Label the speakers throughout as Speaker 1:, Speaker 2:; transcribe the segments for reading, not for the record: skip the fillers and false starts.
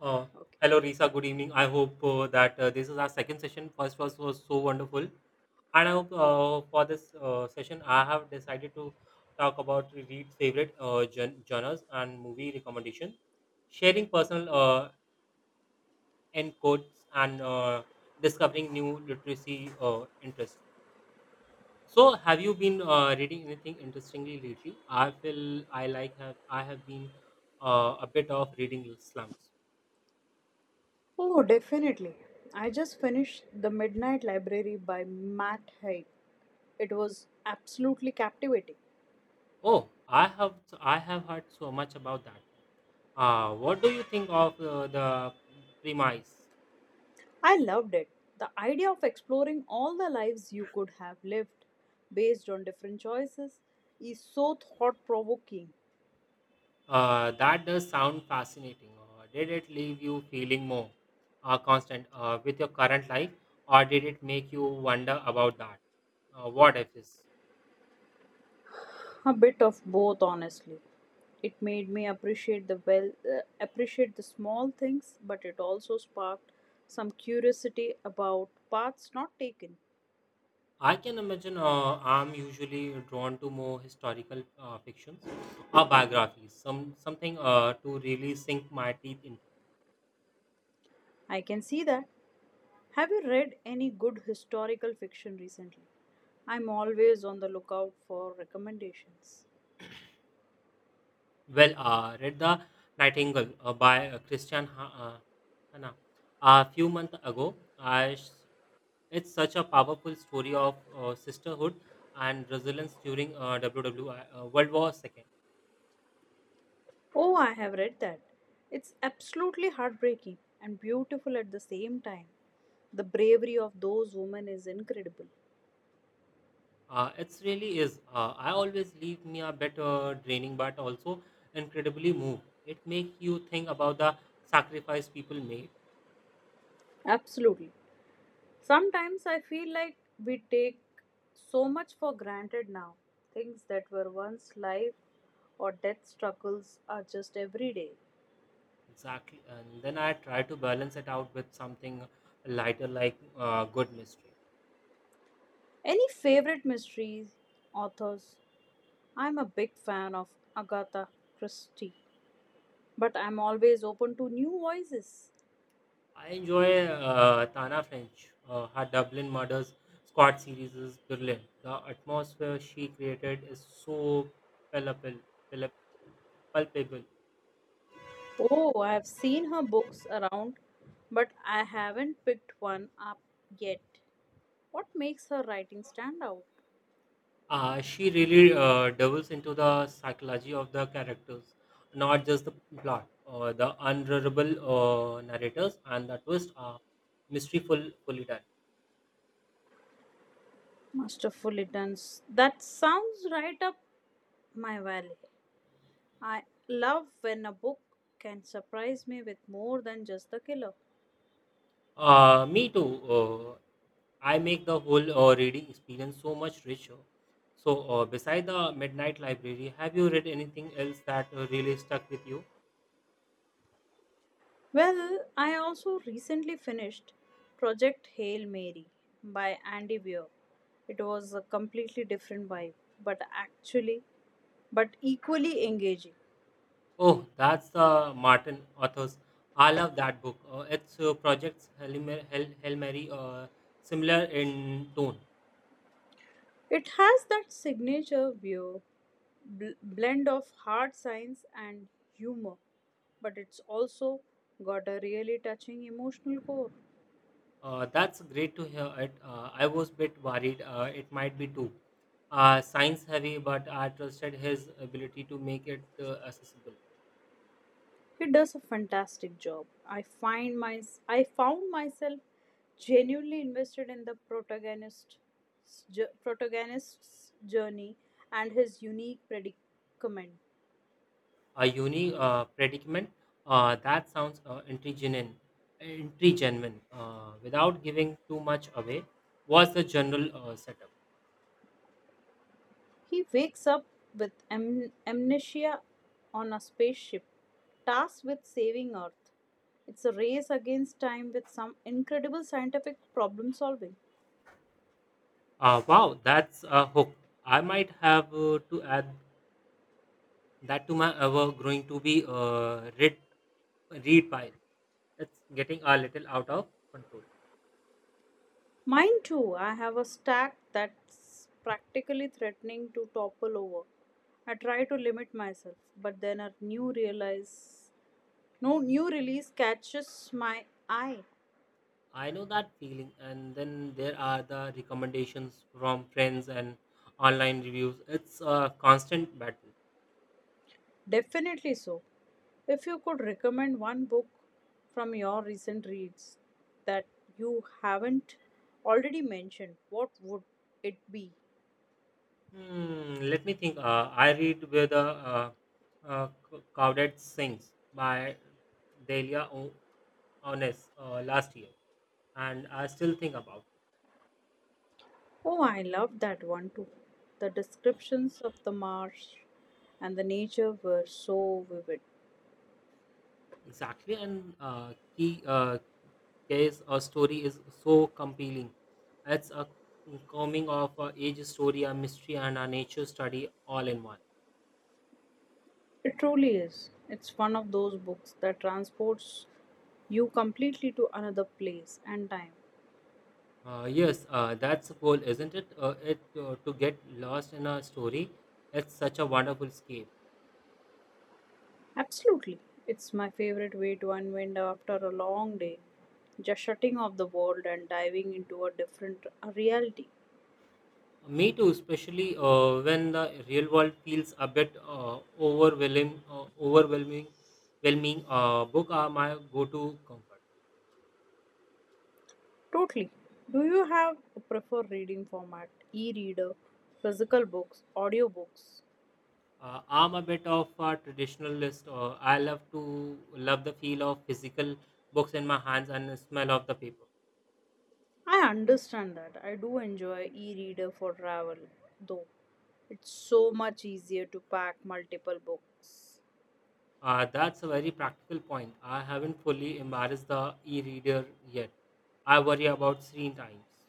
Speaker 1: Uh,
Speaker 2: Okay.
Speaker 1: Hello, Risa. Good evening. I hope that this is our second session. First was so wonderful, and I hope for this session I have decided to talk about read favorite genres and movie recommendation, sharing personal encodes and discovering new literacy interests. So, have you been reading anything interestingly lately? I feel I like have I have been a bit of reading slumps.
Speaker 2: Oh, definitely. I just finished The Midnight Library by Matt Haig. It was absolutely captivating.
Speaker 1: Oh, I have heard so much about that one. What do you think of the premise?
Speaker 2: I loved it. The idea of exploring all the lives you could have lived based on different choices is so thought provoking.
Speaker 1: That does sound fascinating. Did it leave you feeling more constant with your current life, or did it make you wonder about that? What if is?
Speaker 2: A bit of both, honestly. It made me appreciate the appreciate the small things, but it also sparked some curiosity about paths not taken.
Speaker 1: I can imagine. I'm usually drawn to more historical fictions or biographies, something to really sink my teeth into.
Speaker 2: I can see that. Have you read any good historical fiction recently? I'm always on the lookout for recommendations.
Speaker 1: Well, read The Nightingale by Christian Hanna a few months ago. It's such a powerful story of sisterhood and resilience during WWI, World War Second.
Speaker 2: Oh, I have read that. It's absolutely heartbreaking and beautiful at the same time. The bravery of those women is incredible.
Speaker 1: It really is. I always leave me a bit draining, but also incredibly moved. It makes you think about the sacrifice people made.
Speaker 2: Absolutely. Sometimes I feel like we take so much for granted now. Things that were once life or death struggles are just everyday.
Speaker 1: Exactly, and then I try to balance it out with something lighter, like good mystery.
Speaker 2: Any favorite mysteries, authors? I'm a big fan of Agatha Christie, but I'm always open to new voices.
Speaker 1: I enjoy Tana French. Her Dublin Murders Squad series is brilliant. The atmosphere she created is so palpable. palp- palpable.
Speaker 2: Oh, I've seen her books around, but I haven't picked one up yet. What makes her writing stand out?
Speaker 1: She really delves into the psychology of the characters, not just the plot. The unreliable narrators and the twist are mystery fully done.
Speaker 2: Masterfully done. That sounds right up my valley. I love when a book can surprise me with more than just the killer.
Speaker 1: Me too. I make the whole reading experience so much richer. So, beside the Midnight Library, have you read anything else that really stuck with you?
Speaker 2: Well, I also recently finished Project Hail Mary by Andy Weir. It was a completely different vibe, but actually, but equally engaging.
Speaker 1: Oh, that's Martin Authors. I love that book. It's Projects Hail Mary, similar in tone.
Speaker 2: It has that signature Weir blend of hard science and humor, but it's also got a really touching emotional core.
Speaker 1: That's great to hear it. I was a bit worried it might be too science heavy, but I trusted his ability to make it accessible.
Speaker 2: He does a fantastic job. I find my I found myself genuinely invested in the protagonist's journey and his unique predicament.
Speaker 1: A unique predicament that sounds intriguing without giving too much away, was the general setup.
Speaker 2: He wakes up with amnesia on a spaceship, tasked with saving Earth. It's a race against time with some incredible scientific problem solving.
Speaker 1: Wow, that's a hook. I might have to add that to my ever growing to be read pile. It's getting a little out of control.
Speaker 2: Mine too. I have a stack that's practically threatening to topple over. I try to limit myself, but then a new realize no new release catches my eye.
Speaker 1: I know that feeling. And then there are the recommendations from friends and online reviews. It's a constant battle.
Speaker 2: Definitely so. If you could recommend one book from your recent reads that you haven't already mentioned, what would it be?
Speaker 1: Hmm, let me think. I read where the uh, Cowdead Sings by Delia Onnes last year, and I still think about
Speaker 2: Oh, I loved that one too. The descriptions of the marsh and the nature were so vivid.
Speaker 1: it. Exactly, and key case a story is so compelling. It's a coming of age story, a mystery, and a nature study all in one.
Speaker 2: It truly is. It's one of those books that transports you completely to another place and time.
Speaker 1: Yes, that's the goal, isn't it? To get lost in a story. It's such a wonderful escape.
Speaker 2: Absolutely. It's my favorite way to unwind after a long day. Just shutting off the world and diving into a different reality.
Speaker 1: Me too, especially when the real world feels a bit overwhelming. Overwhelming book are my go-to comfort.
Speaker 2: Totally. Do you have a preferred reading format? E reader, physical books, audiobooks?
Speaker 1: I'm a bit of a traditionalist. I love the feel of physical books in my hands and the smell of the paper.
Speaker 2: I understand that. I do enjoy e reader for travel, though. It's so much easier to pack multiple books.
Speaker 1: That's a very practical point. I haven't fully embraced the e-reader yet. I worry about screen times.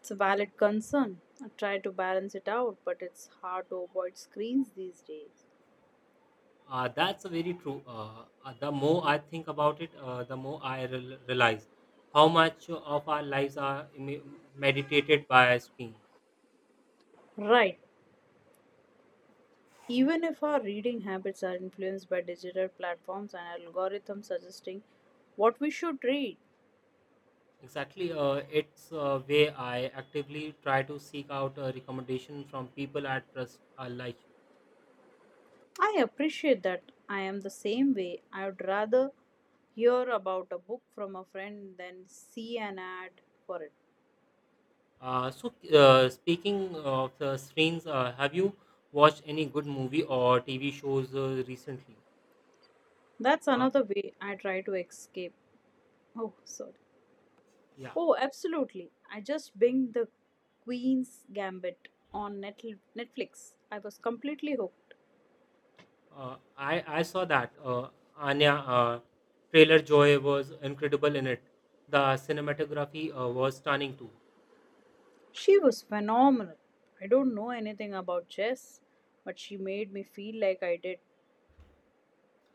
Speaker 2: It's a valid concern. I try to balance it out, but it's hard to avoid screens these days.
Speaker 1: That's very true. The more I think about it, the more I rel realize how much of our lives are meditated by screens.
Speaker 2: Right. Even if our reading habits are influenced by digital platforms and algorithms suggesting what we should read,
Speaker 1: Exactly, it's a way I actively try to seek out a recommendation from people I trust I like you.
Speaker 2: I appreciate that I am the same way. I would rather hear about a book from a friend than see an ad for it.
Speaker 1: So, speaking of the screens, have you watched any good movie or TV shows recently?
Speaker 2: That's
Speaker 1: Uh,
Speaker 2: another way I try to escape. Oh, sorry.
Speaker 1: yeah.
Speaker 2: Oh, absolutely. I just binged The Queen's Gambit on Netflix. I was completely hooked.
Speaker 1: I saw that Anya trailer Joy was incredible in it. The cinematography was stunning too.
Speaker 2: She was phenomenal. I don't know anything about chess, but she made me feel like I did.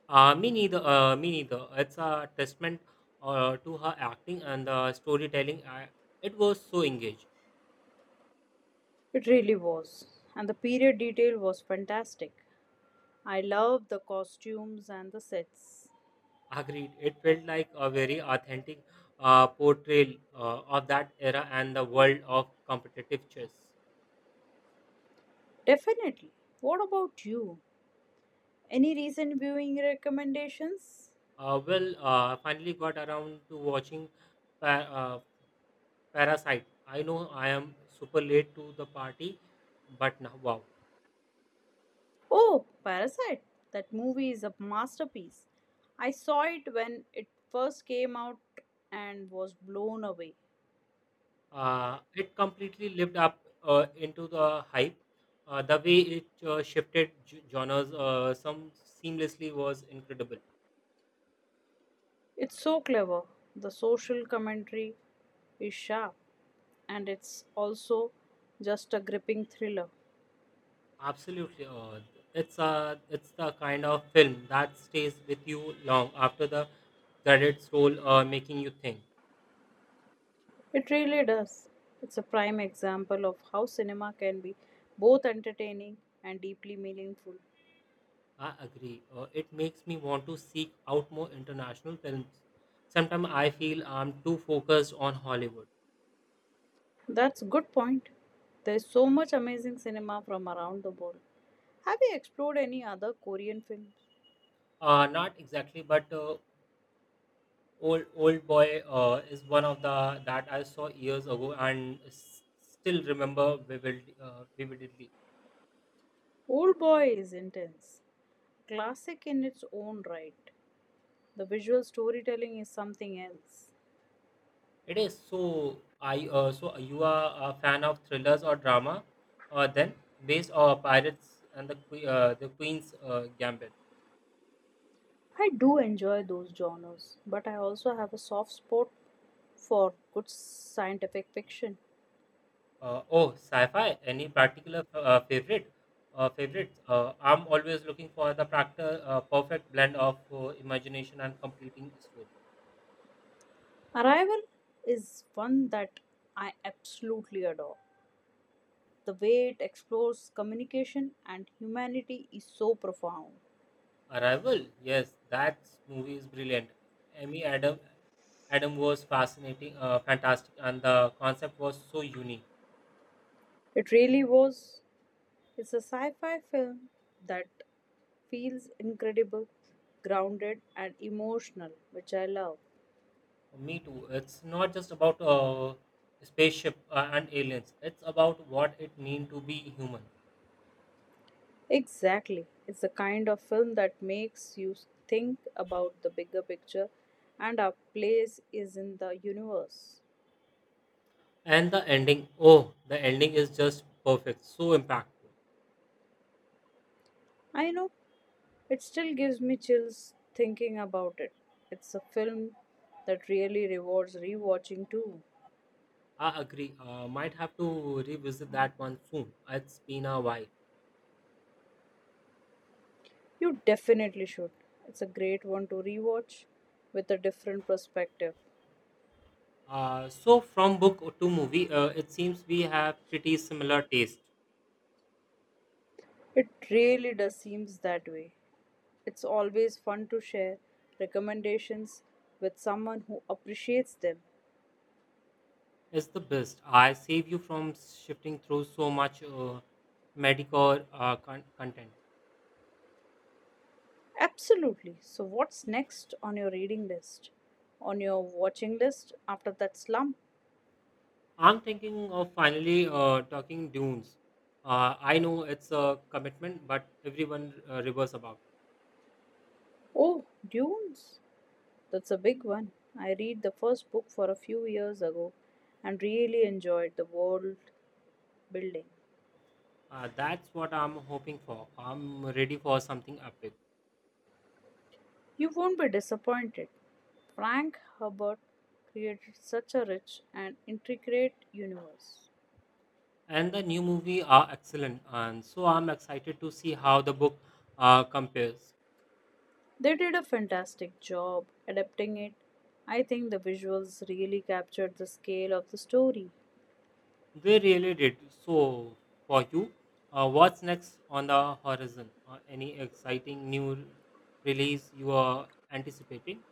Speaker 1: Me neither. Me neither. It's a testament to her acting and the storytelling. It was so engaged.
Speaker 2: It really was. And the period detail was fantastic. I loved the costumes and the sets.
Speaker 1: Agreed. It felt like a very authentic portrayal of that era and the world of competitive chess.
Speaker 2: Definitely. What about you? Any recent viewing recommendations?
Speaker 1: Well, I finally got around to watching Pa- uh, Parasite. I know I am super late to the party, but now wow,
Speaker 2: Oh, Parasite. That movie is a masterpiece. I saw it when it first came out and was blown away.
Speaker 1: it completely lived up into the hype. The way it shifted genres, some seamlessly was incredible.
Speaker 2: It's so clever. The social commentary is sharp and it's also just a gripping thriller.
Speaker 1: Absolutely, it's the kind of film that stays with you long after the credits roll, making you think.
Speaker 2: It really does. It's a prime example of how cinema can be both entertaining and deeply meaningful.
Speaker 1: I agree. It makes me want to seek out more international films. Sometimes I feel I'm too focused on Hollywood.
Speaker 2: That's a good point. There's so much amazing cinema from around the world. Have you explored any other Korean films?
Speaker 1: Not exactly, but old boy is one of the that I saw years ago and still remember vividly.
Speaker 2: Old Boy is intense, classic in its own right. The visual storytelling is something else.
Speaker 1: It is so. I So you are a fan of thrillers or drama? Then based on Pirates and the the Queen's Gambit.
Speaker 2: I do enjoy those genres, but I also have a soft spot for good scientific fiction.
Speaker 1: Oh, sci-fi. Any particular favorites? I'm always looking for the practical, perfect blend of imagination and completing story.
Speaker 2: Arrival is one that I absolutely adore. The way it explores communication and humanity is so profound.
Speaker 1: Arrival. Yes, that movie is brilliant. Amy Adam was fantastic, and the concept was so unique.
Speaker 2: It really was. It's a sci fi film that feels incredible, grounded, and emotional, which I love.
Speaker 1: Me too. It's not just about spaceship and aliens. It's about what it means to be human.
Speaker 2: Exactly. It's the kind of film that makes you think about the bigger picture and our place is in the universe.
Speaker 1: And the ending. Oh, the ending is just perfect. So impactful.
Speaker 2: I know it still gives me chills thinking about it. It's a film that really rewards rewatching too.
Speaker 1: I agree. Might have to revisit that one soon. It's been a while.
Speaker 2: You definitely should. It's a great one to rewatch with a different perspective.
Speaker 1: So, from book to movie, it seems we have pretty similar taste.
Speaker 2: It really does seems that way. It's always fun to share recommendations with someone who appreciates them.
Speaker 1: It's the best. I save you from shifting through so much medical content.
Speaker 2: Absolutely. So, what's next on your reading list? On your watching list after that slump?
Speaker 1: I'm thinking of finally talking Dunes. I know it's a commitment, but everyone ravers about it.
Speaker 2: Oh, Dunes. That's a big one. I read the first book for a few years ago and really enjoyed the world building.
Speaker 1: That's what I'm hoping for. I'm ready for something epic.
Speaker 2: You won't be disappointed. Frank Herbert created such a rich and intricate universe.
Speaker 1: And the new movie are excellent and so I'm excited to see how the book compares.
Speaker 2: They did a fantastic job adapting it. I think the visuals really captured the scale of the story.
Speaker 1: They really did. So for you, what's next on the horizon? Any exciting new release you are anticipating?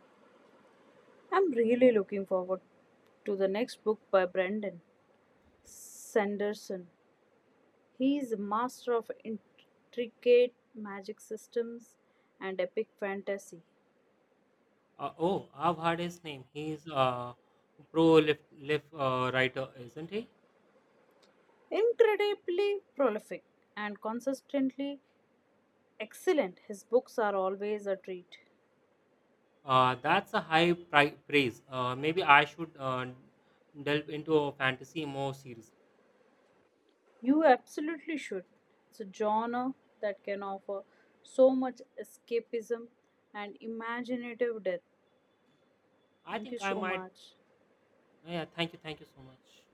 Speaker 2: I'm really looking forward to the next book by Brendan Sanderson. He is a master of intricate magic systems and epic fantasy.
Speaker 1: Oh, I've heard his name. He's a pro lift lift writer, isn't he?
Speaker 2: Incredibly prolific and consistently excellent, his books are always a treat.
Speaker 1: That's a high praise. Maybe I should delve into fantasy more seriously.
Speaker 2: You absolutely should. It's a genre that can offer so much escapism and imaginative depth.
Speaker 1: I
Speaker 2: Thank
Speaker 1: think
Speaker 2: you
Speaker 1: I
Speaker 2: so
Speaker 1: might.
Speaker 2: much.
Speaker 1: Yeah, thank you so much.